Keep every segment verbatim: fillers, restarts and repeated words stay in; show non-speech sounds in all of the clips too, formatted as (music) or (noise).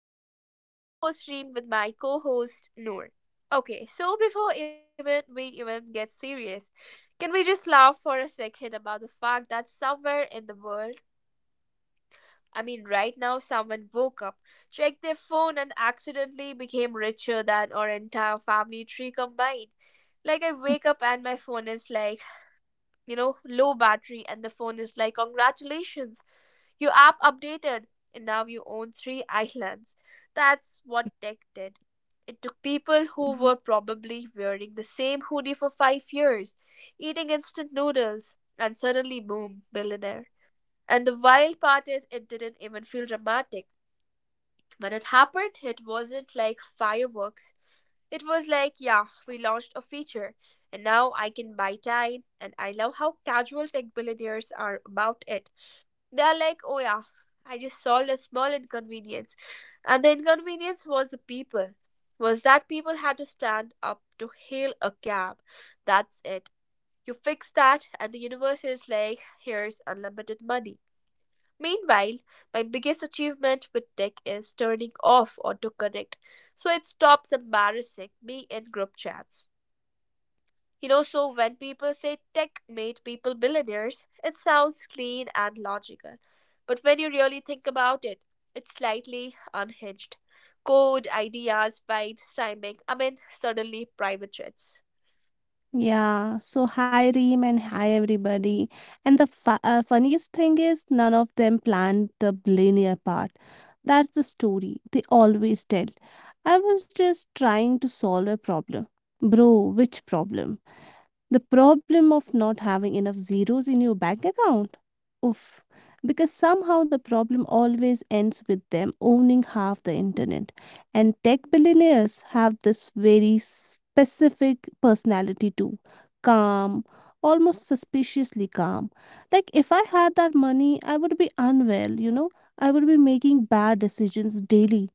Theory Talks. I'm your host, Reem with my co host, Noor. Okay, so before even we even get serious, can we just laugh for a second about the fact that somewhere in the world, I mean, right now, someone woke up, checked their phone, and accidentally became richer than our entire family tree combined? Like, I wake up and my phone is like, you know, low battery, and the phone is like, congratulations. Your app updated, and now you own three islands. That's what tech did. It took people who Mhm. were probably wearing the same hoodie for five years, eating instant noodles, and suddenly, boom, billionaire. And the wild part is, it didn't even feel dramatic. When it happened, it wasn't like fireworks. It was like, yeah, we launched a feature, and now I can buy time. And I love how casual tech billionaires are about it. They're like, oh yeah, I just solved a small inconvenience. And the inconvenience was the people. Was that people had to stand up to hail a cab. That's it. You fix that, and the universe is like, here's unlimited money. Meanwhile, my biggest achievement with tech is turning off autocorrect so it stops embarrassing me in group chats. You know, so when people say tech made people billionaires, it sounds clean and logical. But when you really think about it, it's slightly unhinged. Code, ideas, vibes, timing. I mean, suddenly private jets. Yeah, so hi Reem and hi everybody. And the fu- uh, funniest thing is, none of them planned the billionaire part. That's the story they always tell. I was just trying to solve a problem. Bro, which problem? The problem of not having enough zeros in your bank account? Oof. Because somehow the problem always ends with them owning half the internet. And tech billionaires have this very specific personality too, calm, almost suspiciously calm. Like if I had that money, I would be unwell, you know, I would be making bad decisions daily.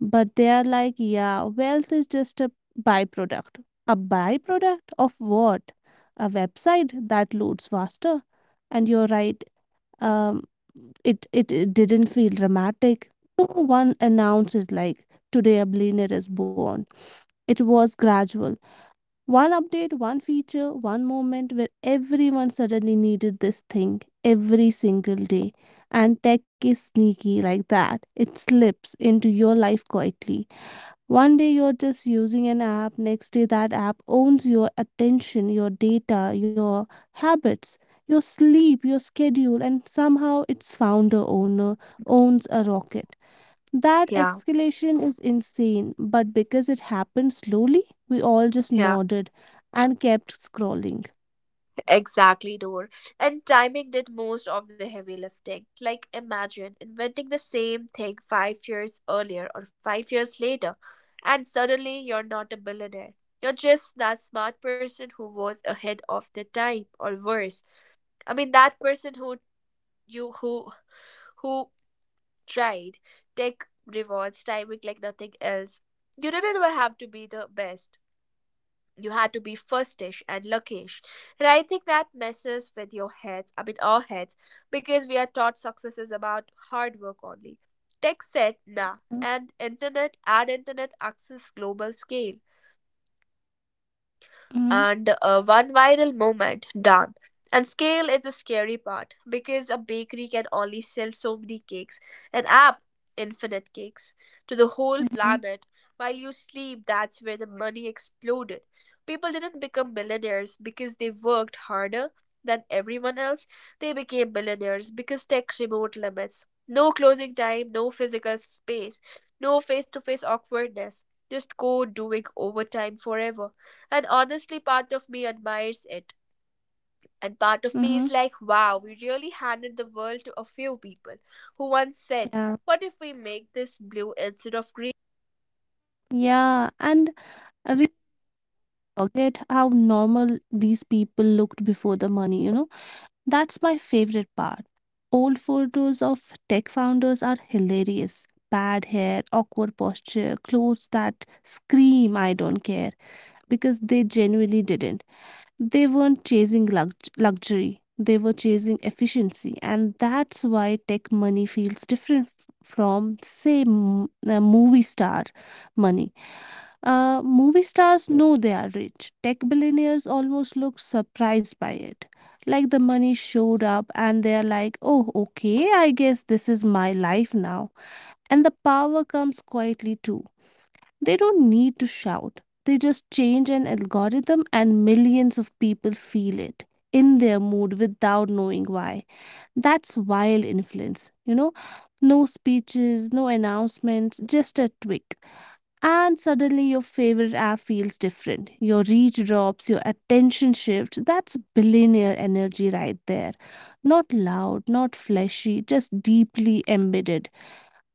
But they are like, yeah, wealth is just a byproduct. A byproduct of what? A website that loads faster. And you're right. Um, it, it it didn't feel dramatic. No one announced it like today a billionaire is born. It was gradual. One update, one feature, one moment where everyone suddenly needed this thing every single day. And tech is sneaky like that. It slips into your life quietly. One day you're just using an app, next day that app owns your attention, your data, your habits, your sleep, your schedule, and somehow its founder owner owns a rocket. That Yeah, escalation is insane, but because it happened slowly, we all just yeah. nodded and kept scrolling. Exactly, Noor. And timing did most of the heavy lifting. Like, imagine inventing the same thing five years earlier or five years later, and suddenly you're not a billionaire. You're just that smart person who was ahead of the time, or worse. I mean, that person who you who who tried. Tech rewards timing like nothing else. You didn't even have to be the best, you had to be firstish and luckish. And I think that messes with your heads, I mean our heads, because we are taught success is about hard work only. Tech said nah, and internet and internet access, global scale, Mm-hmm. and uh, one viral moment done. And scale is the scary part because a bakery can only sell so many cakes, an app, infinite cakes to the whole planet. While you sleep, that's where the money exploded. People didn't become millionaires because they worked harder than everyone else, they became millionaires because tech removed limits. No closing time, no physical space, no face to face awkwardness, just code doing overtime forever. And honestly, part of me admires it. And part of me Mm-hmm. is like, wow, we really handed the world to a few people who once said, Yeah. what if we make this blue instead of greens? Yeah. And I really forget how normal these people looked before the money, you know? That's my favorite part. Old photos of tech founders are hilarious. Bad hair, awkward posture, clothes that scream, I don't care, because they genuinely didn't. They weren't chasing lux- luxury, they were chasing efficiency. And that's why tech money feels different f- from, say, m- a movie star money. Uh, movie stars know they are rich. Tech billionaires almost look surprised by it. Like the money showed up and they're like, oh, okay, I guess this is my life now. And the power comes quietly too. They don't need to shout, they just change an algorithm and millions of people feel it in their mood without knowing why. That's wild influence, you know? No speeches, no announcements, just a tweak and suddenly your favorite app feels different. Your reach drops, your attention shifts. That's billionaire energy right there. Not loud, not fleshy, just deeply embedded.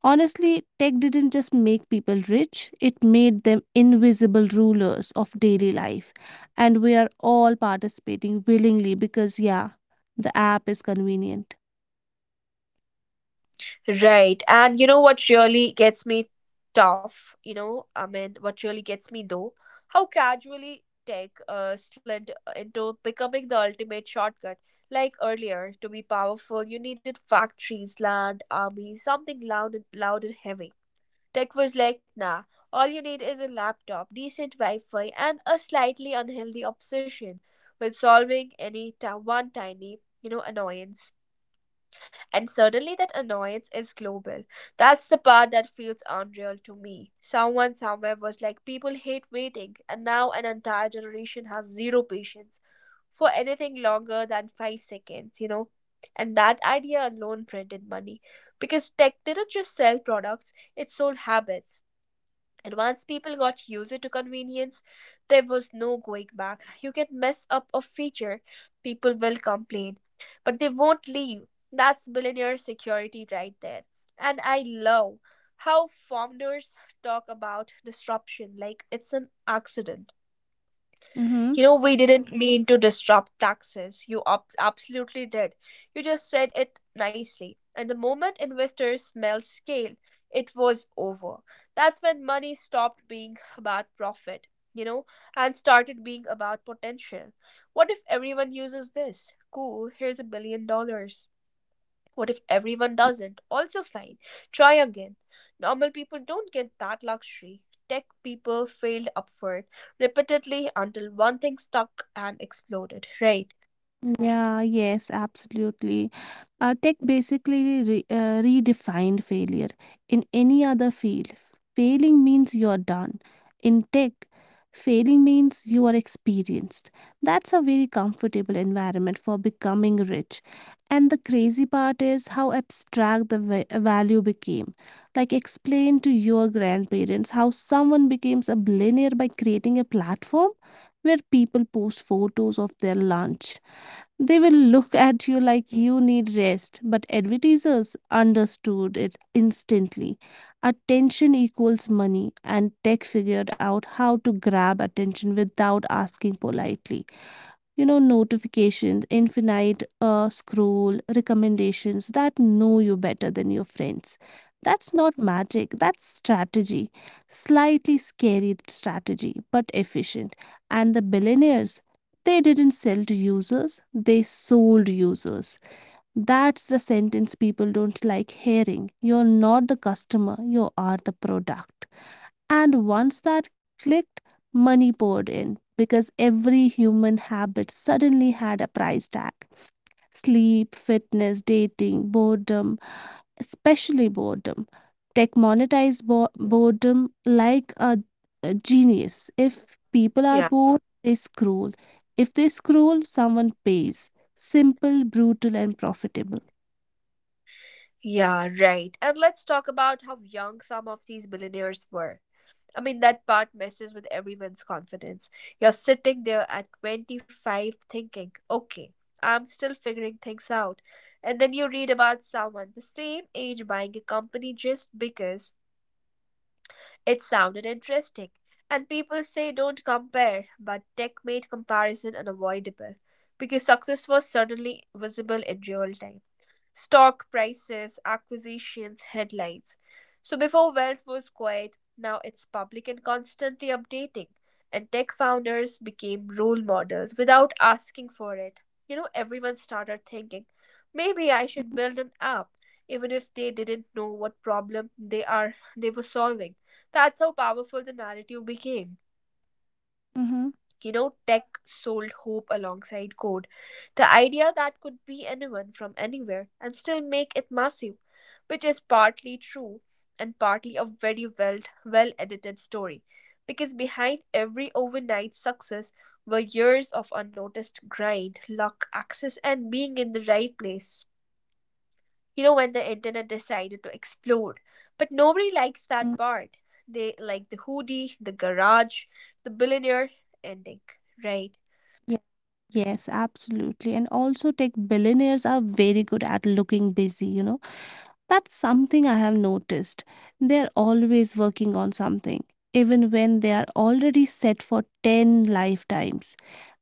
Honestly, tech didn't just make people rich, it made them invisible rulers of daily life. And we are all participating willingly because, yeah, the app is convenient. Right. And you know what really gets me tough? You know, I mean, what really gets me though? How casually tech uh, slid into becoming the ultimate shortcut. Like earlier, to be powerful, you needed factories, land, army, something loud and, loud and heavy. Tech was like, nah, all you need is a laptop, decent Wi Fi, and a slightly unhealthy obsession with solving any ti- one tiny, you know, annoyance. And suddenly that annoyance is global. That's the part that feels unreal to me. Someone somewhere was like, people hate waiting, and now an entire generation has zero patience for anything longer than five seconds, you know. And that idea alone printed money because tech didn't just sell products, it sold habits. And once people got used to convenience, there was no going back. You can mess up a feature, people will complain, but they won't leave. That's billionaire security right there. And I love how founders talk about disruption like it's an accident. Mhm. You know, we didn't mean to disrupt taxes. You ab- absolutely did. You just said it nicely. And the moment investors smelled scale, it was over. That's when money stopped being about profit, you know, and started being about potential. What if everyone uses this? Cool, here's a billion dollars. What if everyone doesn't? Also fine. Try again. Normal people don't get that luxury. Tech people failed upward repeatedly until one thing stuck and exploded, right? Yeah, yes, absolutely. Uh, tech basically re- uh, redefined failure. In any other field, failing means you're done. In tech, failing means you are experienced. That's a very comfortable environment for becoming rich. And the crazy part is how abstract the va- value became. Like, explain to your grandparents how someone becomes a billionaire by creating a platform where people post photos of their lunch. They will look at you like you need rest, but advertisers understood it instantly. Attention equals money, and tech figured out how to grab attention without asking politely. You know, notifications, infinite uh, scroll, recommendations that know you better than your friends. That's not magic, that's strategy, slightly scary strategy but efficient. And the billionaires, they didn't sell to users, they sold users. That's the sentence people don't like hearing. You're not the customer, you are the product. And once that clicked, money poured in because every human habit suddenly had a price tag. Sleep, fitness, dating, boredom, especially boredom. Tech monetized bo- boredom like a, a genius. If people are Yeah. bored, they scroll. If they scroll, someone pays. Simple, brutal, and profitable. Yeah, right. And let's talk about how young some of these billionaires were. I mean, that part messes with everyone's confidence. You're sitting there at twenty-five thinking, okay, I'm still figuring things out. And then you read about someone the same age buying a company just because it sounded interesting, and people say don't compare, but tech made comparison unavoidable because success was suddenly visible in real time, stock prices, acquisitions, headlines. So before wealth was quiet, now it's public and constantly updating. And tech founders became role models without asking for it. You know, everyone started thinking, maybe I should build an app, even if they didn't know what problem they are they were solving. That's how powerful the narrative became. Hmm. You know, tech sold hope alongside code. The idea that could be anyone from anywhere and still make it massive, which is partly true and partly a very well well edited story. Because behind every overnight success were years of unnoticed grind, luck, access, and being in the right place. You know, when the internet decided to explode. But nobody likes that part. They like the hoodie, the garage, the billionaire ending, right? Yeah. Yes, absolutely. And also, tech billionaires are very good at looking busy, you know. That's something I have noticed. They're always working on something, even when they are already set for ten lifetimes.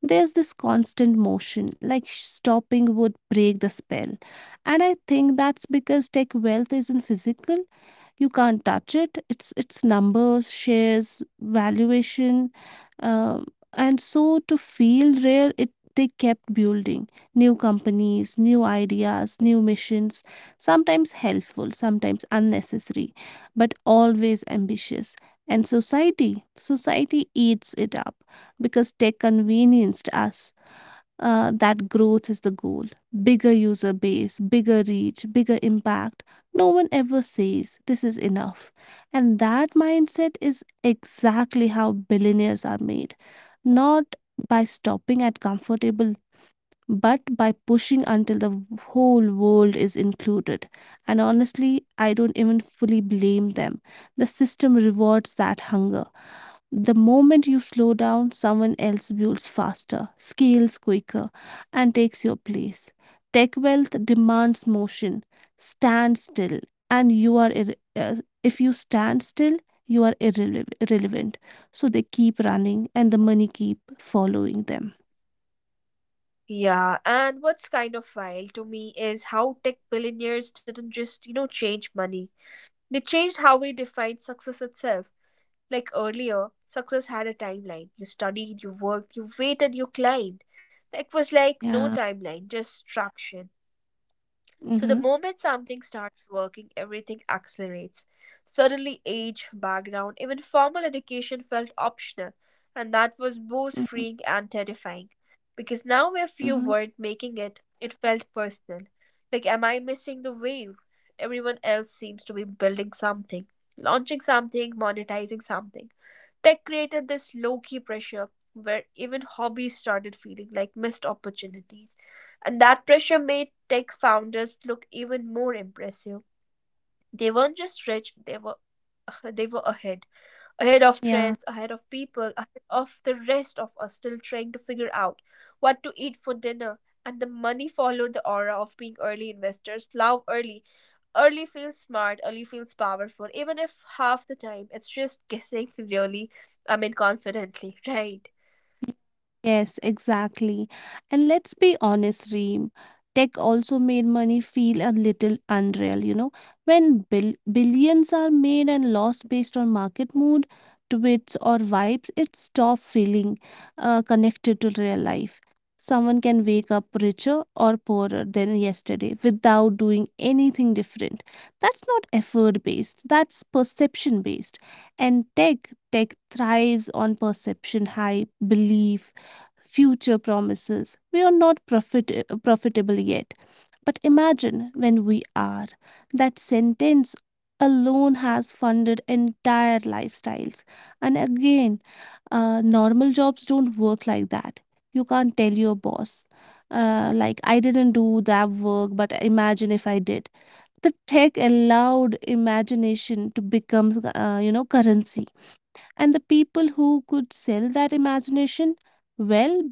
There's this constant motion, like stopping would break the spell. And I think that's because tech wealth isn't physical, you can't touch it it's it's numbers, shares, valuation. um, and so, to feel rare, it, they kept building new companies, new ideas, new missions, sometimes helpful, sometimes unnecessary, but always ambitious. And society society eats it up because tech convenienced us uh, that growth is the goal. Bigger user base, bigger reach, bigger impact. No one ever says this is enough. And that mindset is exactly how billionaires are made. Not by stopping at comfortable, but by pushing until the whole world is included. And honestly, I don't even fully blame them. The system rewards that hunger. The moment you slow down, someone else builds faster, scales quicker, and takes your place. Tech wealth demands motion. Stand still, and you are irre- uh, if you stand still, you are irrele- irrelevant. So they keep running, and the money keep following them. Yeah, and what's kind of wild to me is how tech billionaires didn't just, you know, change money. They changed how we define success itself. Like earlier, success had a timeline. You studied, you worked, you waited, you climbed. Tech was like no Yeah. timeline, just traction. So the Mhm. moment something starts working, everything accelerates. Suddenly, age, background, even formal education felt optional, and that was both Mhm. freeing and terrifying. Because now, if you Mhm. weren't making it, it felt personal. Like, am I missing the wave? Everyone else seems to be building something, launching something, monetizing something. Tech created this low key pressure where even hobbies started feeling like missed opportunities. And that pressure made tech founders look even more impressive. They weren't just rich, they were (laughs) they were ahead. Ahead of Yeah. trends, ahead of people, ahead of the rest of us still trying to figure out what to eat for dinner. And the money followed the aura of being early investors. Love early. Early feels smart, early feels powerful, even if half the time it's just guessing really, I mean, confidently, (laughs) right? Yes, exactly. And let's be honest, Reem, tech also made money feel a little unreal, you know. When bil- billions are made and lost based on market mood, tweets, or vibes, it stops feeling uh, connected to real life. Someone can wake up richer or poorer than yesterday without doing anything different. That's not effort based, that's perception based. And tech, tech thrives on perception, hype, belief, future promises. We are not profit- profitable yet. But imagine when we are. That sentence alone has funded entire lifestyles. And again, uh, normal jobs don't work like that. You can't tell your boss, uh, like, I didn't do that work, but imagine if I did. The tech allowed imagination to become, uh, you know, currency. And the people who could sell that imagination, well,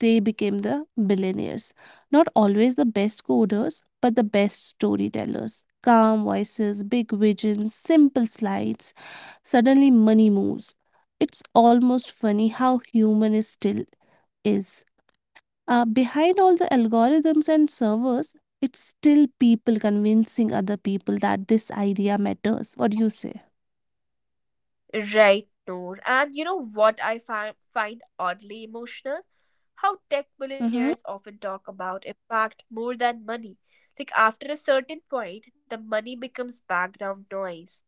they became the billionaires. Not always the best coders, but the best storytellers. Calm voices, big visions, simple slides. Suddenly, money moves. It's almost funny how human it still is. Uh, behind all the algorithms and servers, it's still people convincing other people that this idea matters. What do you say? Right, Noor. And you know what I fi- find oddly emotional? How tech Mm-hmm. billionaires often talk about impact more than money. Like, after a certain point, the money becomes background noise.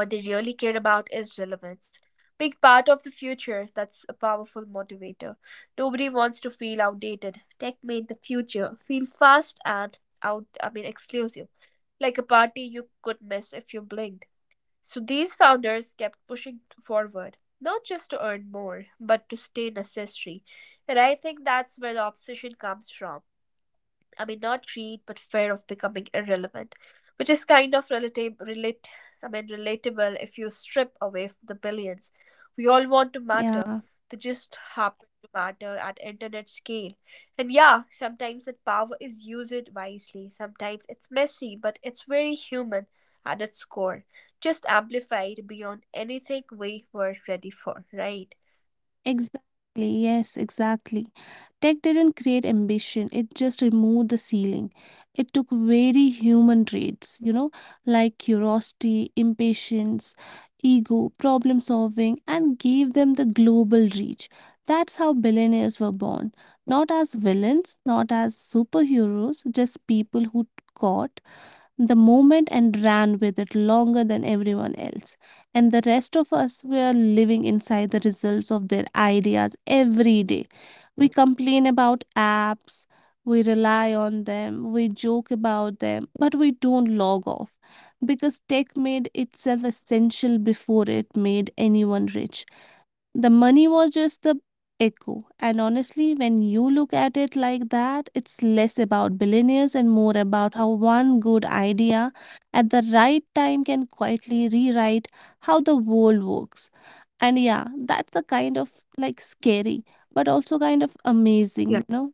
What they really care about is relevance. Big part of the future, that's a powerful motivator. Nobody wants to feel outdated. Tech made the future feel fast and out, I mean, exclusive. Like a party you could miss if you blinked. So these founders kept pushing forward, not just to earn more, but to stay necessary. And I think that's where the obsession comes from. I mean, not greed, but fear of becoming irrelevant, which is kind of relative, relate, I mean, relatable if you strip away the billions. We all want to matter. Yeah. They just happen to matter at internet scale. And yeah, sometimes that power is used wisely. Sometimes it's messy, but it's very human at its core, just amplified beyond anything we were ready for, right? Exactly, yes, exactly. Tech didn't create ambition, it just removed the ceiling. It took very human traits, you know, like curiosity, impatience, ego, problem solving, and gave them the global reach. That's how billionaires were born. Not as villains, not as superheroes, just people who caught the moment and ran with it longer than everyone else. And the rest of us were living inside the results of their ideas every day. We complain about apps, we rely on them, we joke about them, but we don't log off because tech made itself essential before it made anyone rich. The money was just the echo. And honestly, when you look at it like that, it's less about billionaires and more about how one good idea at the right time can quietly rewrite how the world works. And yeah, that's a kind of like scary, but also kind of amazing, you know?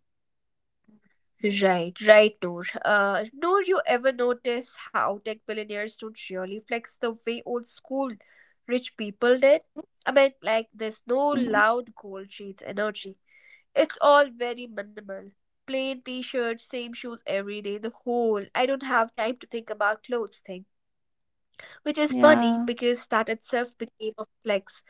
Right, right, Noor. Uh, Noor, you ever notice how tech billionaires don't really flex the way old school rich people did? I mean, like, there's no Mhm. loud gold chains energy. It's all very minimal. Plain t shirts, same shoes every day, the whole I don't have time to think about clothes thing. Which is funny Yeah, because that itself became a flex.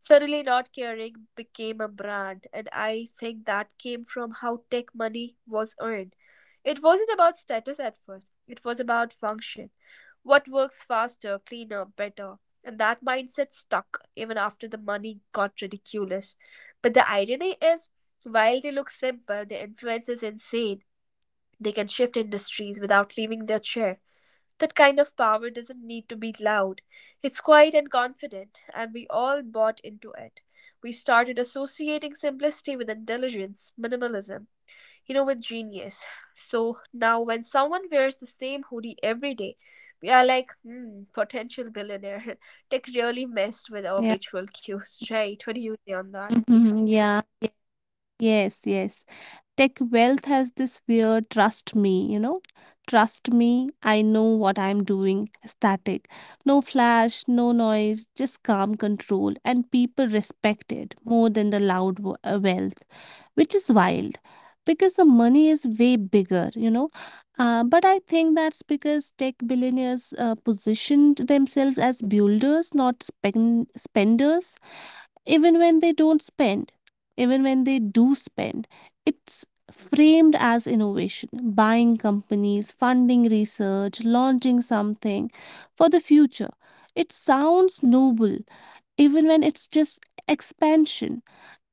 Suddenly, not caring became a brand, and I think that came from how tech money was earned. It wasn't about status at first, it was about function. What works faster, cleaner, better. And that mindset stuck even after the money got ridiculous. But the irony is, while they look simple, the influence is insane. They can shift industries without leaving their chair. That kind of power doesn't need to be loud. It's quiet and confident, and we all bought into it. We started associating simplicity with intelligence, minimalism, you know, with genius. So now, when someone wears the same hoodie every day, we are like, hmm, potential billionaire. (laughs) Tech really messed with our yeah. visual cues, right? What do you say on that? Mhm. Yeah, yes, yes. Tech wealth has this weird trust me, you know, trust me, I know what I'm doing static. No flash, no noise, just calm control, and people respect it more than the loud wo- uh, wealth, which is wild because the money is way bigger, you know. Uh, but I think that's because tech billionaires uh, positioned themselves as builders, not spend- spenders. Even when they don't spend, even when they do spend, it's framed as innovation, buying companies, funding research, launching something for the future. It sounds noble, even when it's just expansion.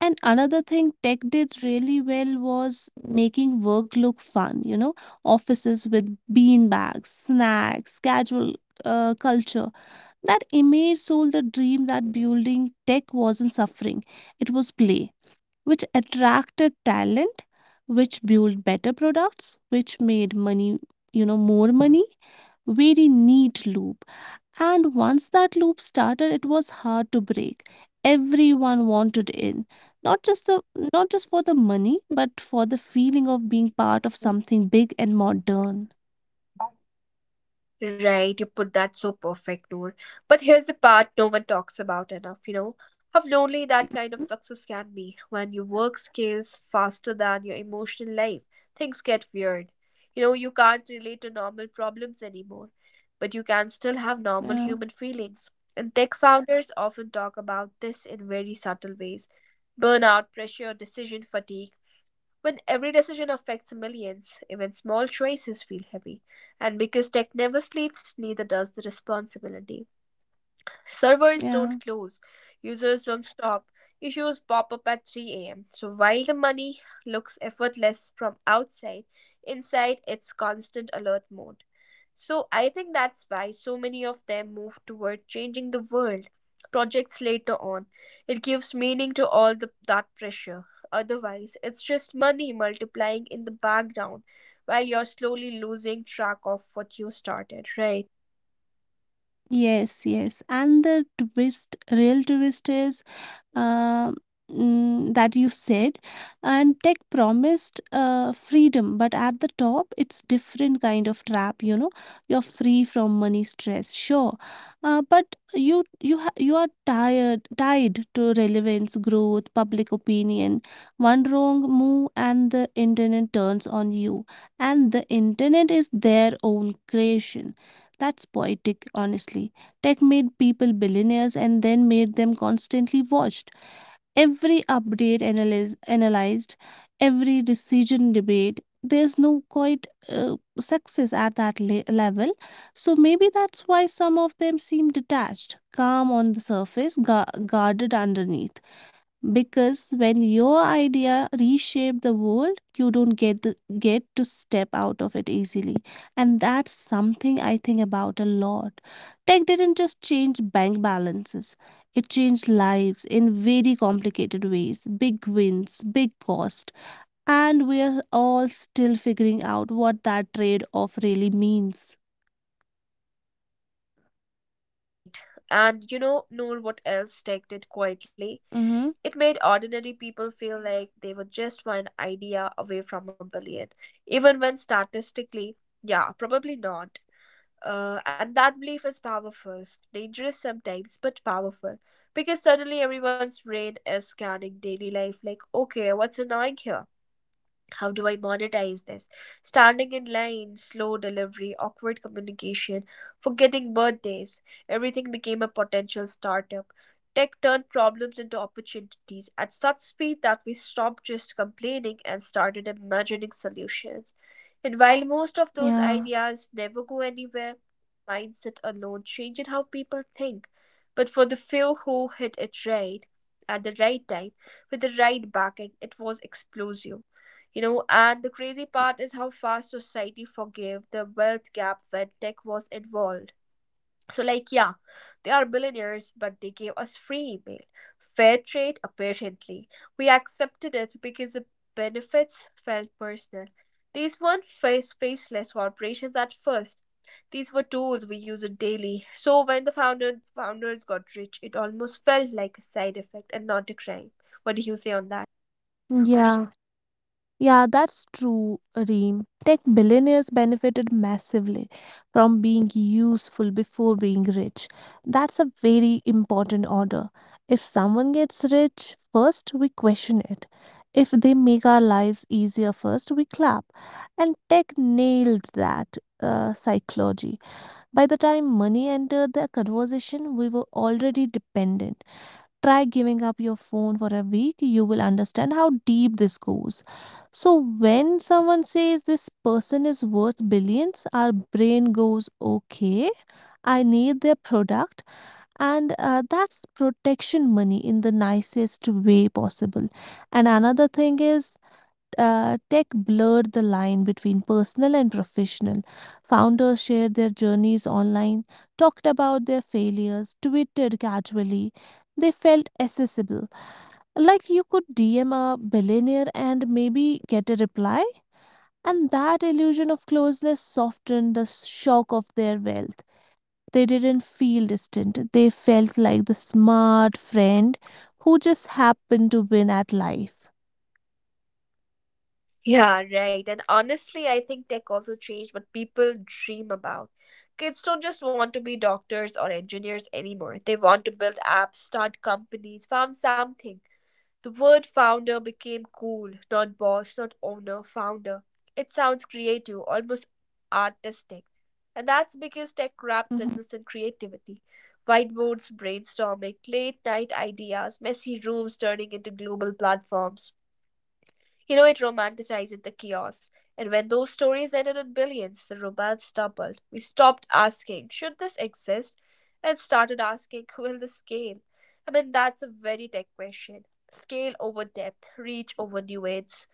And another thing tech did really well was making work look fun, you know, offices with bean bags, snacks, casual uh, culture. That image sold the dream that building tech wasn't suffering, it was play, which attracted talent, which built better products, which made money, you know, more money. Very neat loop. And once that loop started, it was hard to break. Everyone wanted in, not just the, not just for the money, but for the feeling of being part of something big and modern. Right, you put that so perfect, Noor. But here's the part no one talks about enough, you know, how lonely that kind of success can be when your work scales faster than your emotional life. Things get weird. You know, you can't relate to normal problems anymore, but you can still have normal Yeah, human feelings. And tech founders often talk about this in very subtle ways, burnout, pressure, decision fatigue. When every decision affects millions, even small choices feel heavy. And because tech never sleeps, neither does the responsibility. Servers don't yeah. close, users don't stop, issues pop up at three a m. So while the money looks effortless from outside, inside it's constant alert mode. So I think that's why so many of them move toward changing the world projects later on. It gives meaning to all the, that pressure. Otherwise, it's just money multiplying in the background while you're slowly losing track of what you started, right? Yes, yes. And the twist, real twist is uh, mm, that you said, and tech promised uh, freedom, but at the top, it's different kind of trap. You know, you're free from money stress, sure, uh, but you you ha you are tired, tied to relevance, growth, public opinion. One wrong move, and the internet turns on you, and the internet is their own creation. That's poetic, honestly. Tech made people billionaires and then made them constantly watched. Every update analyze, analyzed, every decision debate. There's no quite uh, success at that le- level. So maybe that's why some of them seem detached, calm on the surface, gu- guarded underneath, because when your idea reshape the world, you don't get the, get to step out of it easily. And that's something I think about a lot. Tech didn't just change bank balances, it changed lives in very complicated ways. Big wins, big cost, and we're all still figuring out what that trade off really means. Right. And you know, Noor, what else tech did quietly? Mhm. It made ordinary people feel like they were just one idea away from a billion, even when statistically, yeah, probably not. Uh, and that belief is powerful, dangerous sometimes, but powerful. Because suddenly everyone's brain is scanning daily life like, okay, what's annoying here? How do I monetize this? Standing in line, slow delivery, awkward communication, forgetting birthdays. Everything became a potential startup. Tech turned problems into opportunities at such speed that we stopped just complaining and started imagining solutions. And while most of those ideas never go anywhere, mindset alone changed how people think. But for the few who hit it right, at the right time, with the right backing, it was explosive. You know, and the crazy part is how fast society forgave the wealth gap when tech was involved. So, like, yeah, they are billionaires, but they gave us free email. Fair trade, apparently. We accepted it because the benefits felt personal. These weren't face faceless corporations at first. These were tools we used daily. So when the founder, founders got rich, it almost felt like a side effect and not a crime. What do you say on that? Yeah. Yeah, that's true, Reem. Tech billionaires benefited massively from being useful before being rich. That's a very important order. If someone gets rich first, we question it. If they make our lives easier first, we clap. And tech nailed that uh, psychology. By the time money entered the conversation, we were already dependent. Try giving up your phone for a week. You will understand how deep this goes. So, when someone says this person is worth billions, our brain goes, okay, I need their product. And uh, that's protection money in the nicest way possible. And another thing is, uh, tech blurred the line between personal and professional. Founders shared their journeys online, talked about their failures, tweeted casually. They felt accessible. Like you could D M a billionaire and maybe get a reply. And that illusion of closeness softened the shock of their wealth. They didn't feel distant. They felt like the smart friend who just happened to win at life. Yeah, right. And honestly, I think tech also changed what people dream about. Kids don't just want to be doctors or engineers anymore. They want to build apps, start companies, found something. The word founder became cool, not boss, not owner, founder. It sounds creative, almost artistic. And that's because tech wrapped Mhm. business and creativity. Whiteboards, brainstorming, late night ideas, messy rooms turning into global platforms. You know, it romanticized the chaos. And when those stories ended in billions, the romance doubled. We stopped asking, should this exist? And started asking, (laughs) will this scale? I mean, that's a very tech question. Scale over depth, reach over nuance.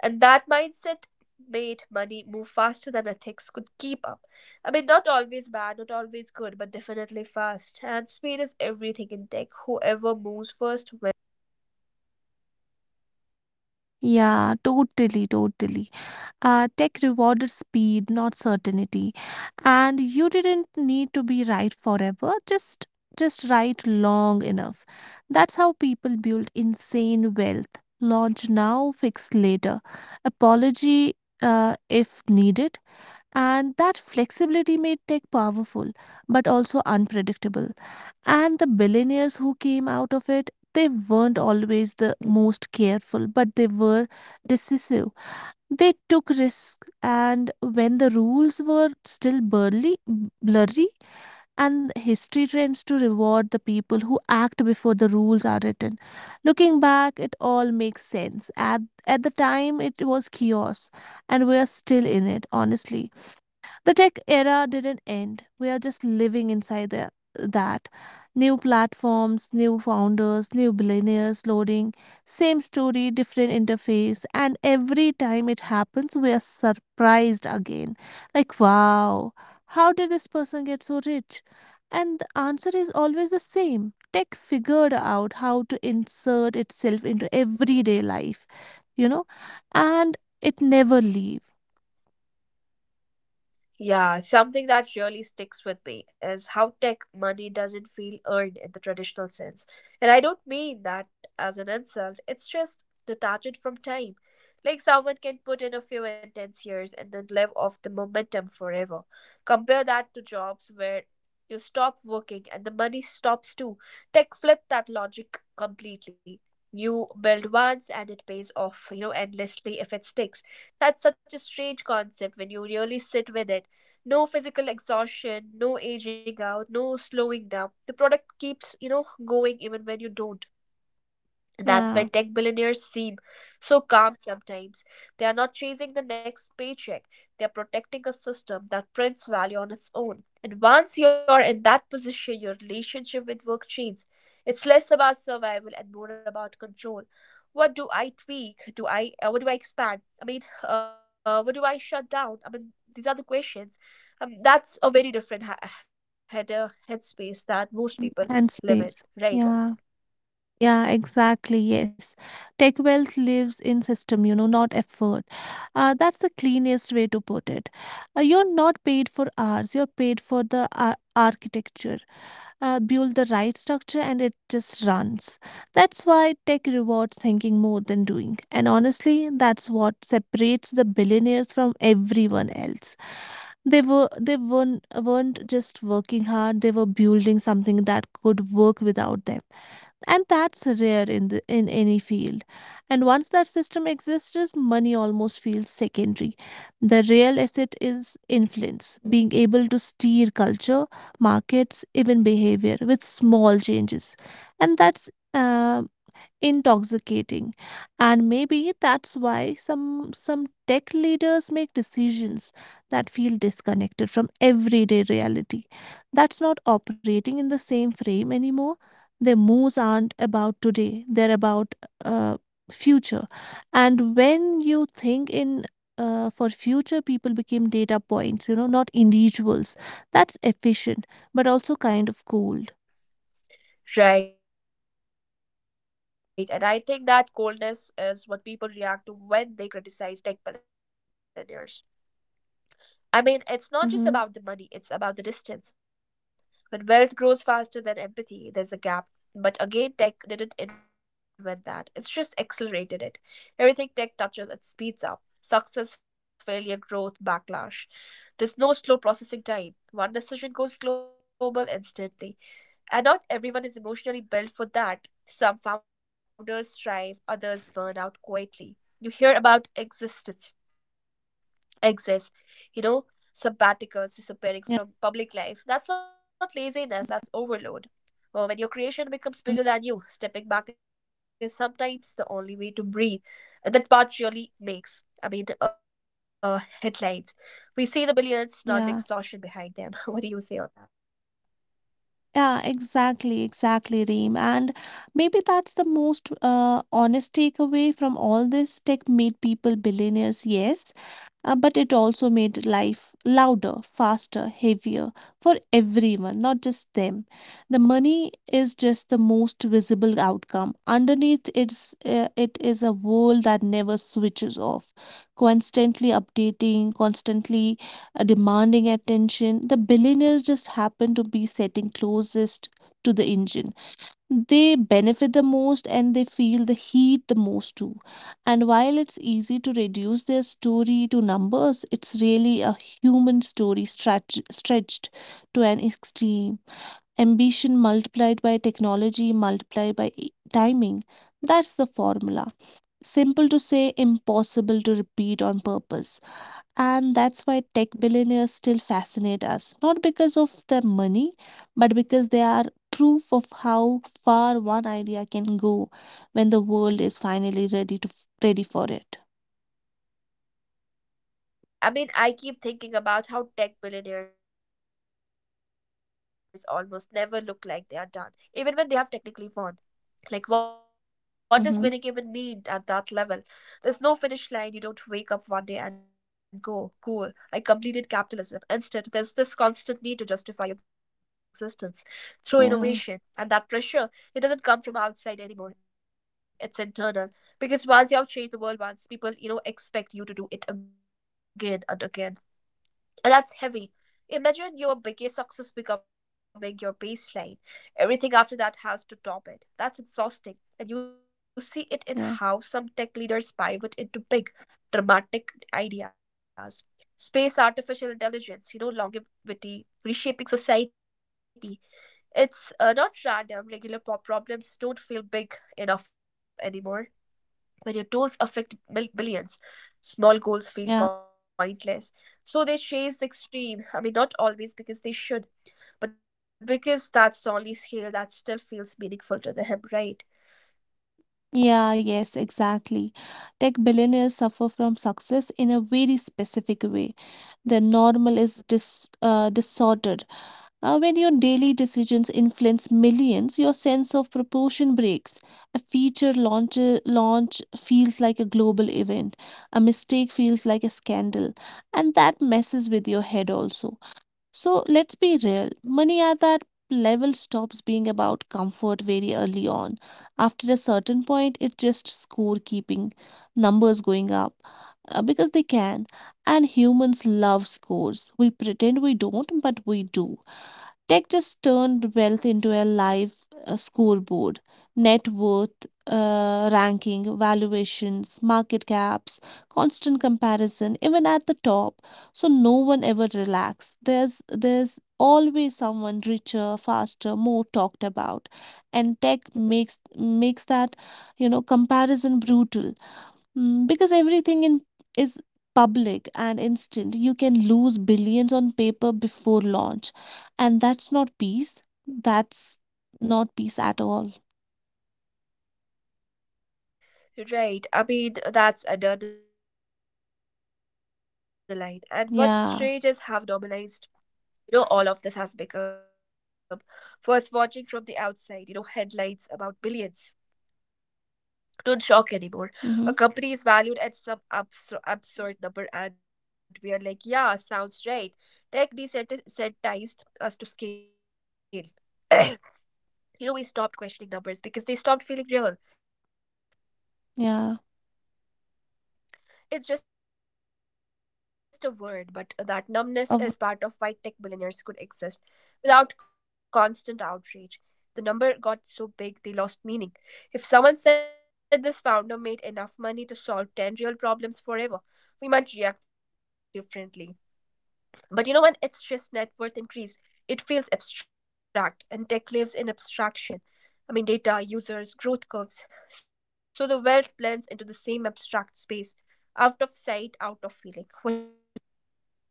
And that mindset made money move faster than ethics could keep up. I mean, not always bad, not always good, but definitely fast. And speed is everything in tech. Whoever moves first wins big, (laughs) right? Yeah, totally, totally. Uh, tech rewarded speed, not certainty. And you didn't need to be right forever, just just right long enough. That's how people build insane wealth. Launch now, fix later. Apology uh, if needed. And that flexibility made tech powerful, but also unpredictable. And the billionaires who came out of it, they weren't always the most careful, but they were decisive, they took risks, and when the rules were still burly, blurry, and history trends to reward the people who act before the rules are written. Looking back, it all makes sense. At, at the time, it was chaos, and we are still in it, honestly. The tech era didn't end. We are just living inside the, that. New platforms, new founders, new billionaires loading, same story, different interface. And every time it happens, we are surprised again. Like, wow, how did this person get so rich? And the answer is always the same. Tech figured out how to insert itself into everyday life, you know, and it never leave. Yeah, something that really sticks with me is how tech money doesn't feel earned in the traditional sense. And I don't mean that as an insult, it's just detached from time. Like someone can put in a few intense years and then live off the momentum forever. Compare that to jobs where you stop working and the money stops too. Tech flipped that logic completely. You build once and it pays off, you know, endlessly if it sticks. That's such a strange concept when you really sit with it: no physical exhaustion, no aging out, no slowing down. The product keeps, you know, going even when you don't. That's why Yeah. tech billionaires seem so calm sometimes. They are not chasing the next paycheck, they are protecting a system that prints value on its own. And once you're in that position, your relationship with work changes. It's less about survival and more about control. What do I tweak? Do I uh, what do I expand? I mean, uh, what do I shut down? I mean, these are the questions. Um, that's a very different ha- head, uh, headspace that most people And live sleeps. in, Yeah. right? Yeah, exactly. Yes. Tech wealth lives in system, you know, not effort. Uh, that's the cleanest way to put it. Uh, you're not paid for hours, you're paid for the ar- architecture. Uh, build the right structure and it just runs. That's why tech rewards thinking more than doing. And honestly, that's what separates the billionaires from everyone else, they were they weren't weren't just working hard, they were building something that could work without them, and that's rare in the, in any field. And once that system exists, money almost feels secondary. The real asset is influence, being able to steer culture, markets, even behavior with small changes. And that's uh, intoxicating. And maybe that's why some some tech leaders make decisions that feel disconnected from everyday reality. That's not operating in the same frame anymore. Their moves aren't about today, they're about uh, future. And when you think in uh, for future, people became data points, you know, not individuals. That's efficient, but also kind of cold. Right, and I think that coldness is what people react to when they criticize tech billionaires. I mean, it's not Mm-hmm. just about the money, it's about the distance. When wealth grows faster than empathy, there's a gap. But again, tech didn't invent that, it's just accelerated it. Everything tech touches, it speeds up success, failure, growth, backlash. There's no slow processing time. One decision goes global instantly. And not everyone is emotionally built for that. Some founders thrive, others burn out quietly. You hear about existence, exits, you know, sabbaticals Yeah. disappearing from public life. That's not laziness, that's overload. Or when your creation Mm. becomes bigger than you, stepping back is sometimes the only way to breathe. And that part really makes, I mean, uh, headlines. We see the billions, not Yeah. the exhaustion behind them. (laughs) What do you say on that? Yeah, exactly, exactly, Reem. And maybe that's the most uh, honest takeaway from all this. Tech made people billionaires, yes, uh, but it also made life louder, faster, heavier for everyone, not just them. The money is just the most visible outcome. Underneath, it's uh, it is a world that never switches off, constantly updating, constantly uh, demanding attention. The billionaires just happen to be sitting closest to the engine. They benefit the most and they feel the heat the most too. And while it's easy to reduce their story to numbers, it's really a human story stretch, stretched to an extreme. Ambition multiplied by technology multiplied by e- timing. That's the formula. Simple to say, impossible to repeat on purpose. And that's why tech billionaires still fascinate us, not because of their money, but because they are proof of how far one idea can go when the world is finally ready to ready for it. Right. I mean, I keep thinking about how tech billionaires almost never look like they are done, even when they have technically won. Like, what does Mhm. winning even mean at that level? There's no finish line. You don't wake up one day and go, cool, I completed capitalism. Instead, there's this constant need to justify your existence through Yeah, innovation. And that pressure, it doesn't come from outside anymore. It's internal. Because once you have changed the world once, people, you know, expect you to do it again and again. And that's heavy. Imagine your biggest success becoming your baseline. Everything after that has to top it. That's exhausting. And you see it in yeah, how some tech leaders pivot into big, dramatic ideas. Space, artificial intelligence, you know, longevity, reshaping society. It's uh, not random. Regular po- problems don't feel big enough anymore. When your goals affect mil- billions, small goals yeah. feel pointless. So they chase the extreme. I mean, not always because they should, but because that's the only scale that still feels meaningful to them, right? Yeah, yes, exactly. Tech billionaires suffer from success in a very specific way. Their normal is dis, uh, disordered. Uh, when your daily decisions influence millions, your sense of proportion breaks. A feature launch, launch feels like a global event, a mistake feels like a scandal, and that messes with your head also. So let's be real, money at that level stops being about comfort very early on. After a certain point, it's just scorekeeping, numbers going up uh, because they can. And humans love scores. We pretend we don't, but we do. Tech just turned wealth into a live uh, scoreboard: net worth, uh, ranking, valuations, market caps, constant comparison, even at the top. So no one ever relaxed. There's, there's always someone richer, faster, more talked about. And tech makes, makes that, you know, comparison brutal. Mm, because everything in is public and instant. You can lose billions on paper before launch, and that's not peace. That's not peace at all. Right. I mean, that's another line. And what's strange is how normalized, Yeah. you know, all of this has become. First, watching from the outside, you know, headlines about billions don't shock anymore. A company is valued at some absur- Mm-hmm. absurd number, and we are like, yeah, sounds right. Tech desensitized us to scale. You know, we stopped questioning numbers because they stopped feeling real. A billion doesn't register emotionally. Yeah. It's just a word, but that numbness is part of why tech billionaires could exist Of- without constant outrage. The number got so big they lost meaning. If someone said this founder made enough money to solve ten real problems forever, we might react differently. But you know, when it's just net worth increased, it feels abstract, and tech lives in abstraction. I mean, data, users, growth curves. So the wealth blends into the same abstract space, out of sight, out of feeling. (laughs) What do you say on that?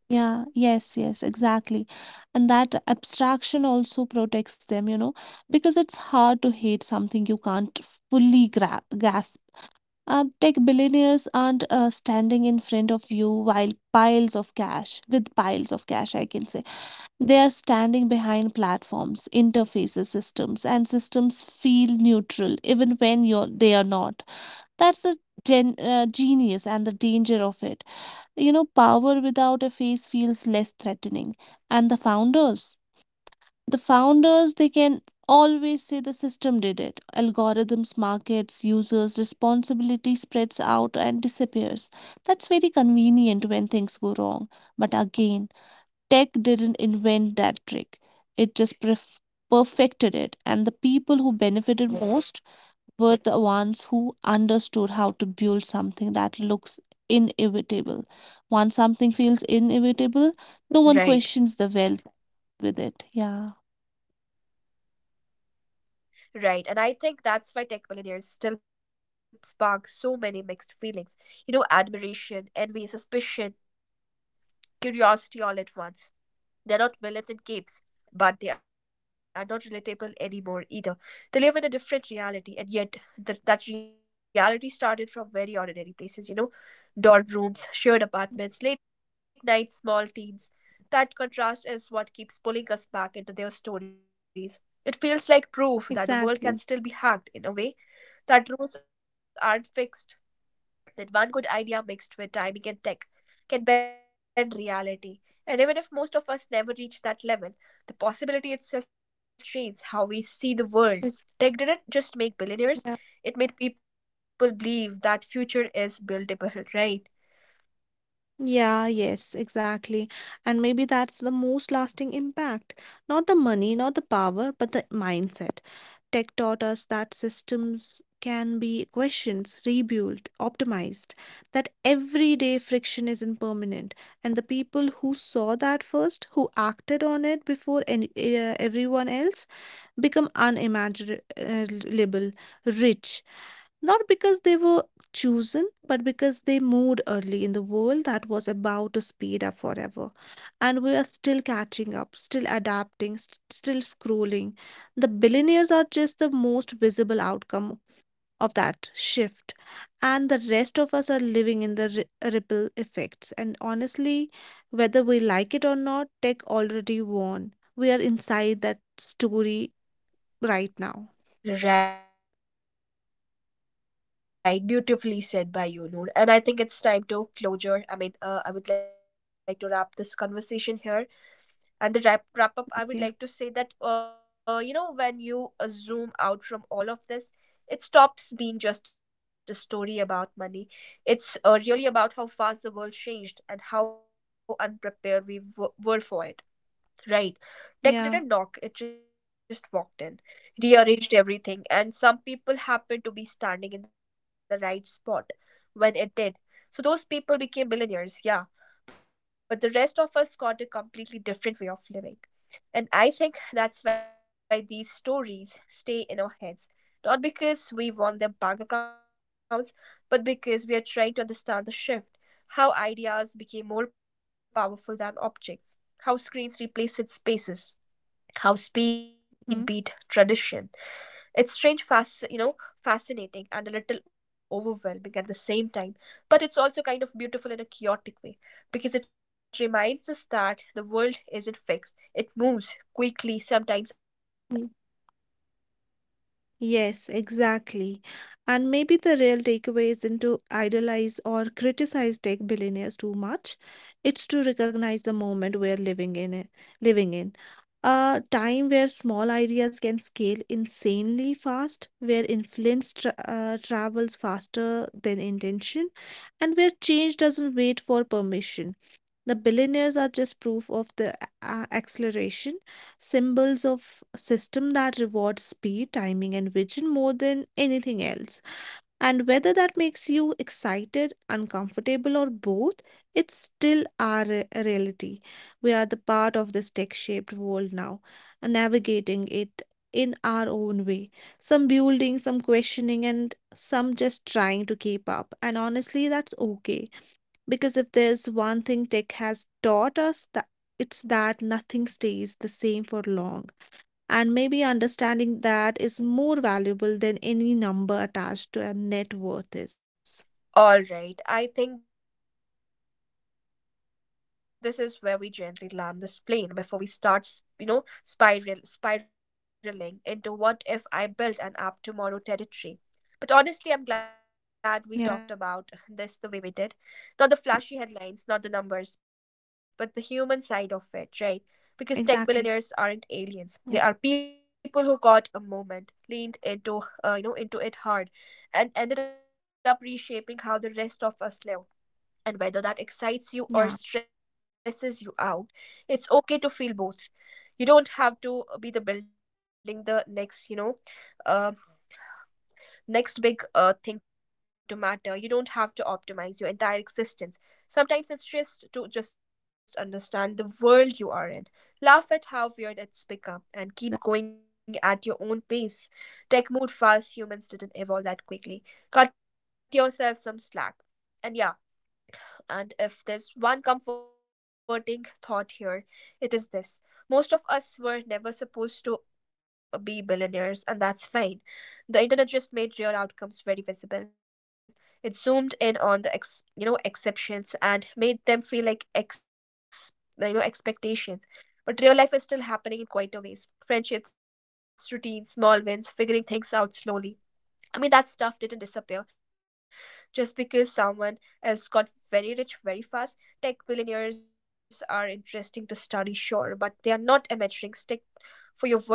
yeah. Yes. Yes. Exactly. And that abstraction also protects them, you know, because it's hard to hate something you can't fully gra- grasp. Uh, tech billionaires aren't uh, standing in front of you while piles of cash, with piles of cash, I can say. They are standing behind platforms, interfaces, systems, and systems feel neutral even when you're, they are not. That's the gen, uh, genius and the danger of it. You know, power without a face feels less threatening. And the founders, the founders, they can always say the system did it. Algorithms, markets, users, responsibility spreads out and disappears. That's very convenient when things go wrong. But again, tech didn't invent that trick, it just perf- perfected it. And the people who benefited most were the ones who understood how to build something that looks inevitable. Once Right. something feels inevitable, no one questions the wealth with it. Yeah. Right, and I think that's why tech billionaires still spark so many mixed feelings. You know, admiration, envy, suspicion, curiosity all at once. They're not villains in games, but they are not relatable anymore either. They live in a different reality, and yet that that reality started from very ordinary places, you know, dorm rooms, shared apartments, late night small teams. That contrast is what keeps pulling us back into their stories. It feels like proof that the world can still be hacked in a way, that Exactly. rules aren't fixed, that one good idea mixed with timing and tech can bend reality. And even if most of us never reach that level, the possibility itself changes how we see the world. Tech didn't just make billionaires, it It's, made people believe that yeah. future is buildable, (laughs) right? Yeah, yes, exactly. And maybe that's the most lasting impact. Not the money, not the power, but the mindset. Tech taught us that systems can be questioned, rebuilt, optimized, that everyday friction is impermanent. And the people who saw that first, who acted on it before any, uh, everyone else, become unimaginable, rich, not because they were chosen, but because they moved early in the world that was about to speed up forever. And we are still catching up, still adapting, st- still scrolling. The billionaires are just the most visible outcome of that shift. And the rest of us are living in the ri- ripple effects. And honestly, whether we like it or not, tech already won. We are inside that story right now. Right, beautifully said by you, Noor. And I think it's time to closure. I mean, uh, I would like to wrap this conversation here. And the wrap wrap up, I would like to say that uh, you know, when you uh, Okay. zoom out from all of this, it stops being just a story about money. It's uh, really about how fast the world changed and how unprepared we w- were for it. Right? Tech didn't knock; it just walked in, Yeah. rearranged everything, and some people happened to be standing in the right spot when it did. So those people became billionaires, yeah, but the rest of us got a completely different way of living. And I think that's why these stories stay in our heads. Not because we want their bank accounts, but because we are trying to understand the shift. How ideas became more powerful than objects, how screens replaced spaces, how speed beat tradition. It's strange, fast, Mhm. you know, fascinating and a little overwhelming at the same time, but it's also kind of beautiful in a chaotic way because it reminds us that the world isn't fixed. It moves quickly, sometimes unfairly, but it moves, right? Yeah. Yes, exactly. And maybe the real takeaway isn't to idolize or criticize tech billionaires too much. It's to recognize the moment we're living in it, living in. A time where small ideas can scale insanely fast, where influence tra uh, travels faster than intention, and where change doesn't wait for permission. The billionaires are just proof of the a- acceleration, symbols of a system that rewards speed, timing, and vision more than anything else. And whether that makes you excited, uncomfortable, or both, it's still our re- reality. We are the part of this tech shaped world now, and navigating it in our own way. Some building, some questioning, and some just trying to keep up. And honestly, that's okay because if there's one thing tech has taught us, that it's that nothing stays the same for long. And maybe understanding that is more valuable than any number attached to a net worth is. All right, I think this is where we gently land this plane before we start, s- you know, spiral spiraling into what if I built an app tomorrow territory. But honestly, I'm Yeah, glad we talked about this the way we did. Not the flashy headlines, not the numbers, but the human side of it, exactly. right? Because tech billionaires Yeah, aren't aliens. They are people who got a moment, leaned into, uh, you know, into it hard, and ended up reshaping how the rest of us live. And whether that yeah, excites you or stresses you out, it's okay to feel both. You don't have to be the building the next, you know, um, next big uh, thing to matter. You don't have to optimize your entire existence. Sometimes it's just to just understand the world you are in, laugh at how weird it's become, and keep going at your own pace. Tech moved fast, humans didn't evolve that quickly. Cut yourself some slack. And yeah, and if there's one comforting thought here, it is this. Most of us were never supposed to be billionaires, and that's fine. The internet just made rare outcomes very visible. It zoomed in on the ex- you know, exceptions and made them feel like ex you know, expectations. But real life is still happening in quieter ways. Friendships, routines, small wins, figuring things out slowly. I mean, that stuff didn't disappear just because someone else got very rich very fast. Tech billionaires are interesting to study, sure, but they are not a measuring stick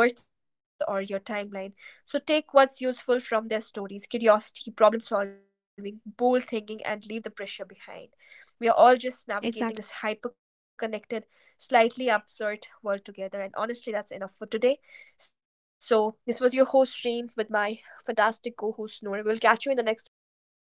for your worth or your timeline. So take what's useful from their stories: curiosity, problem solving, bold thinking, and leave the pressure behind. We are all just exactly. navigating this hyper connected, slightly absurd world together. And honestly, that's enough for today. So, this was your host, Stream, with my fantastic co host, Noor. We'll catch you in the next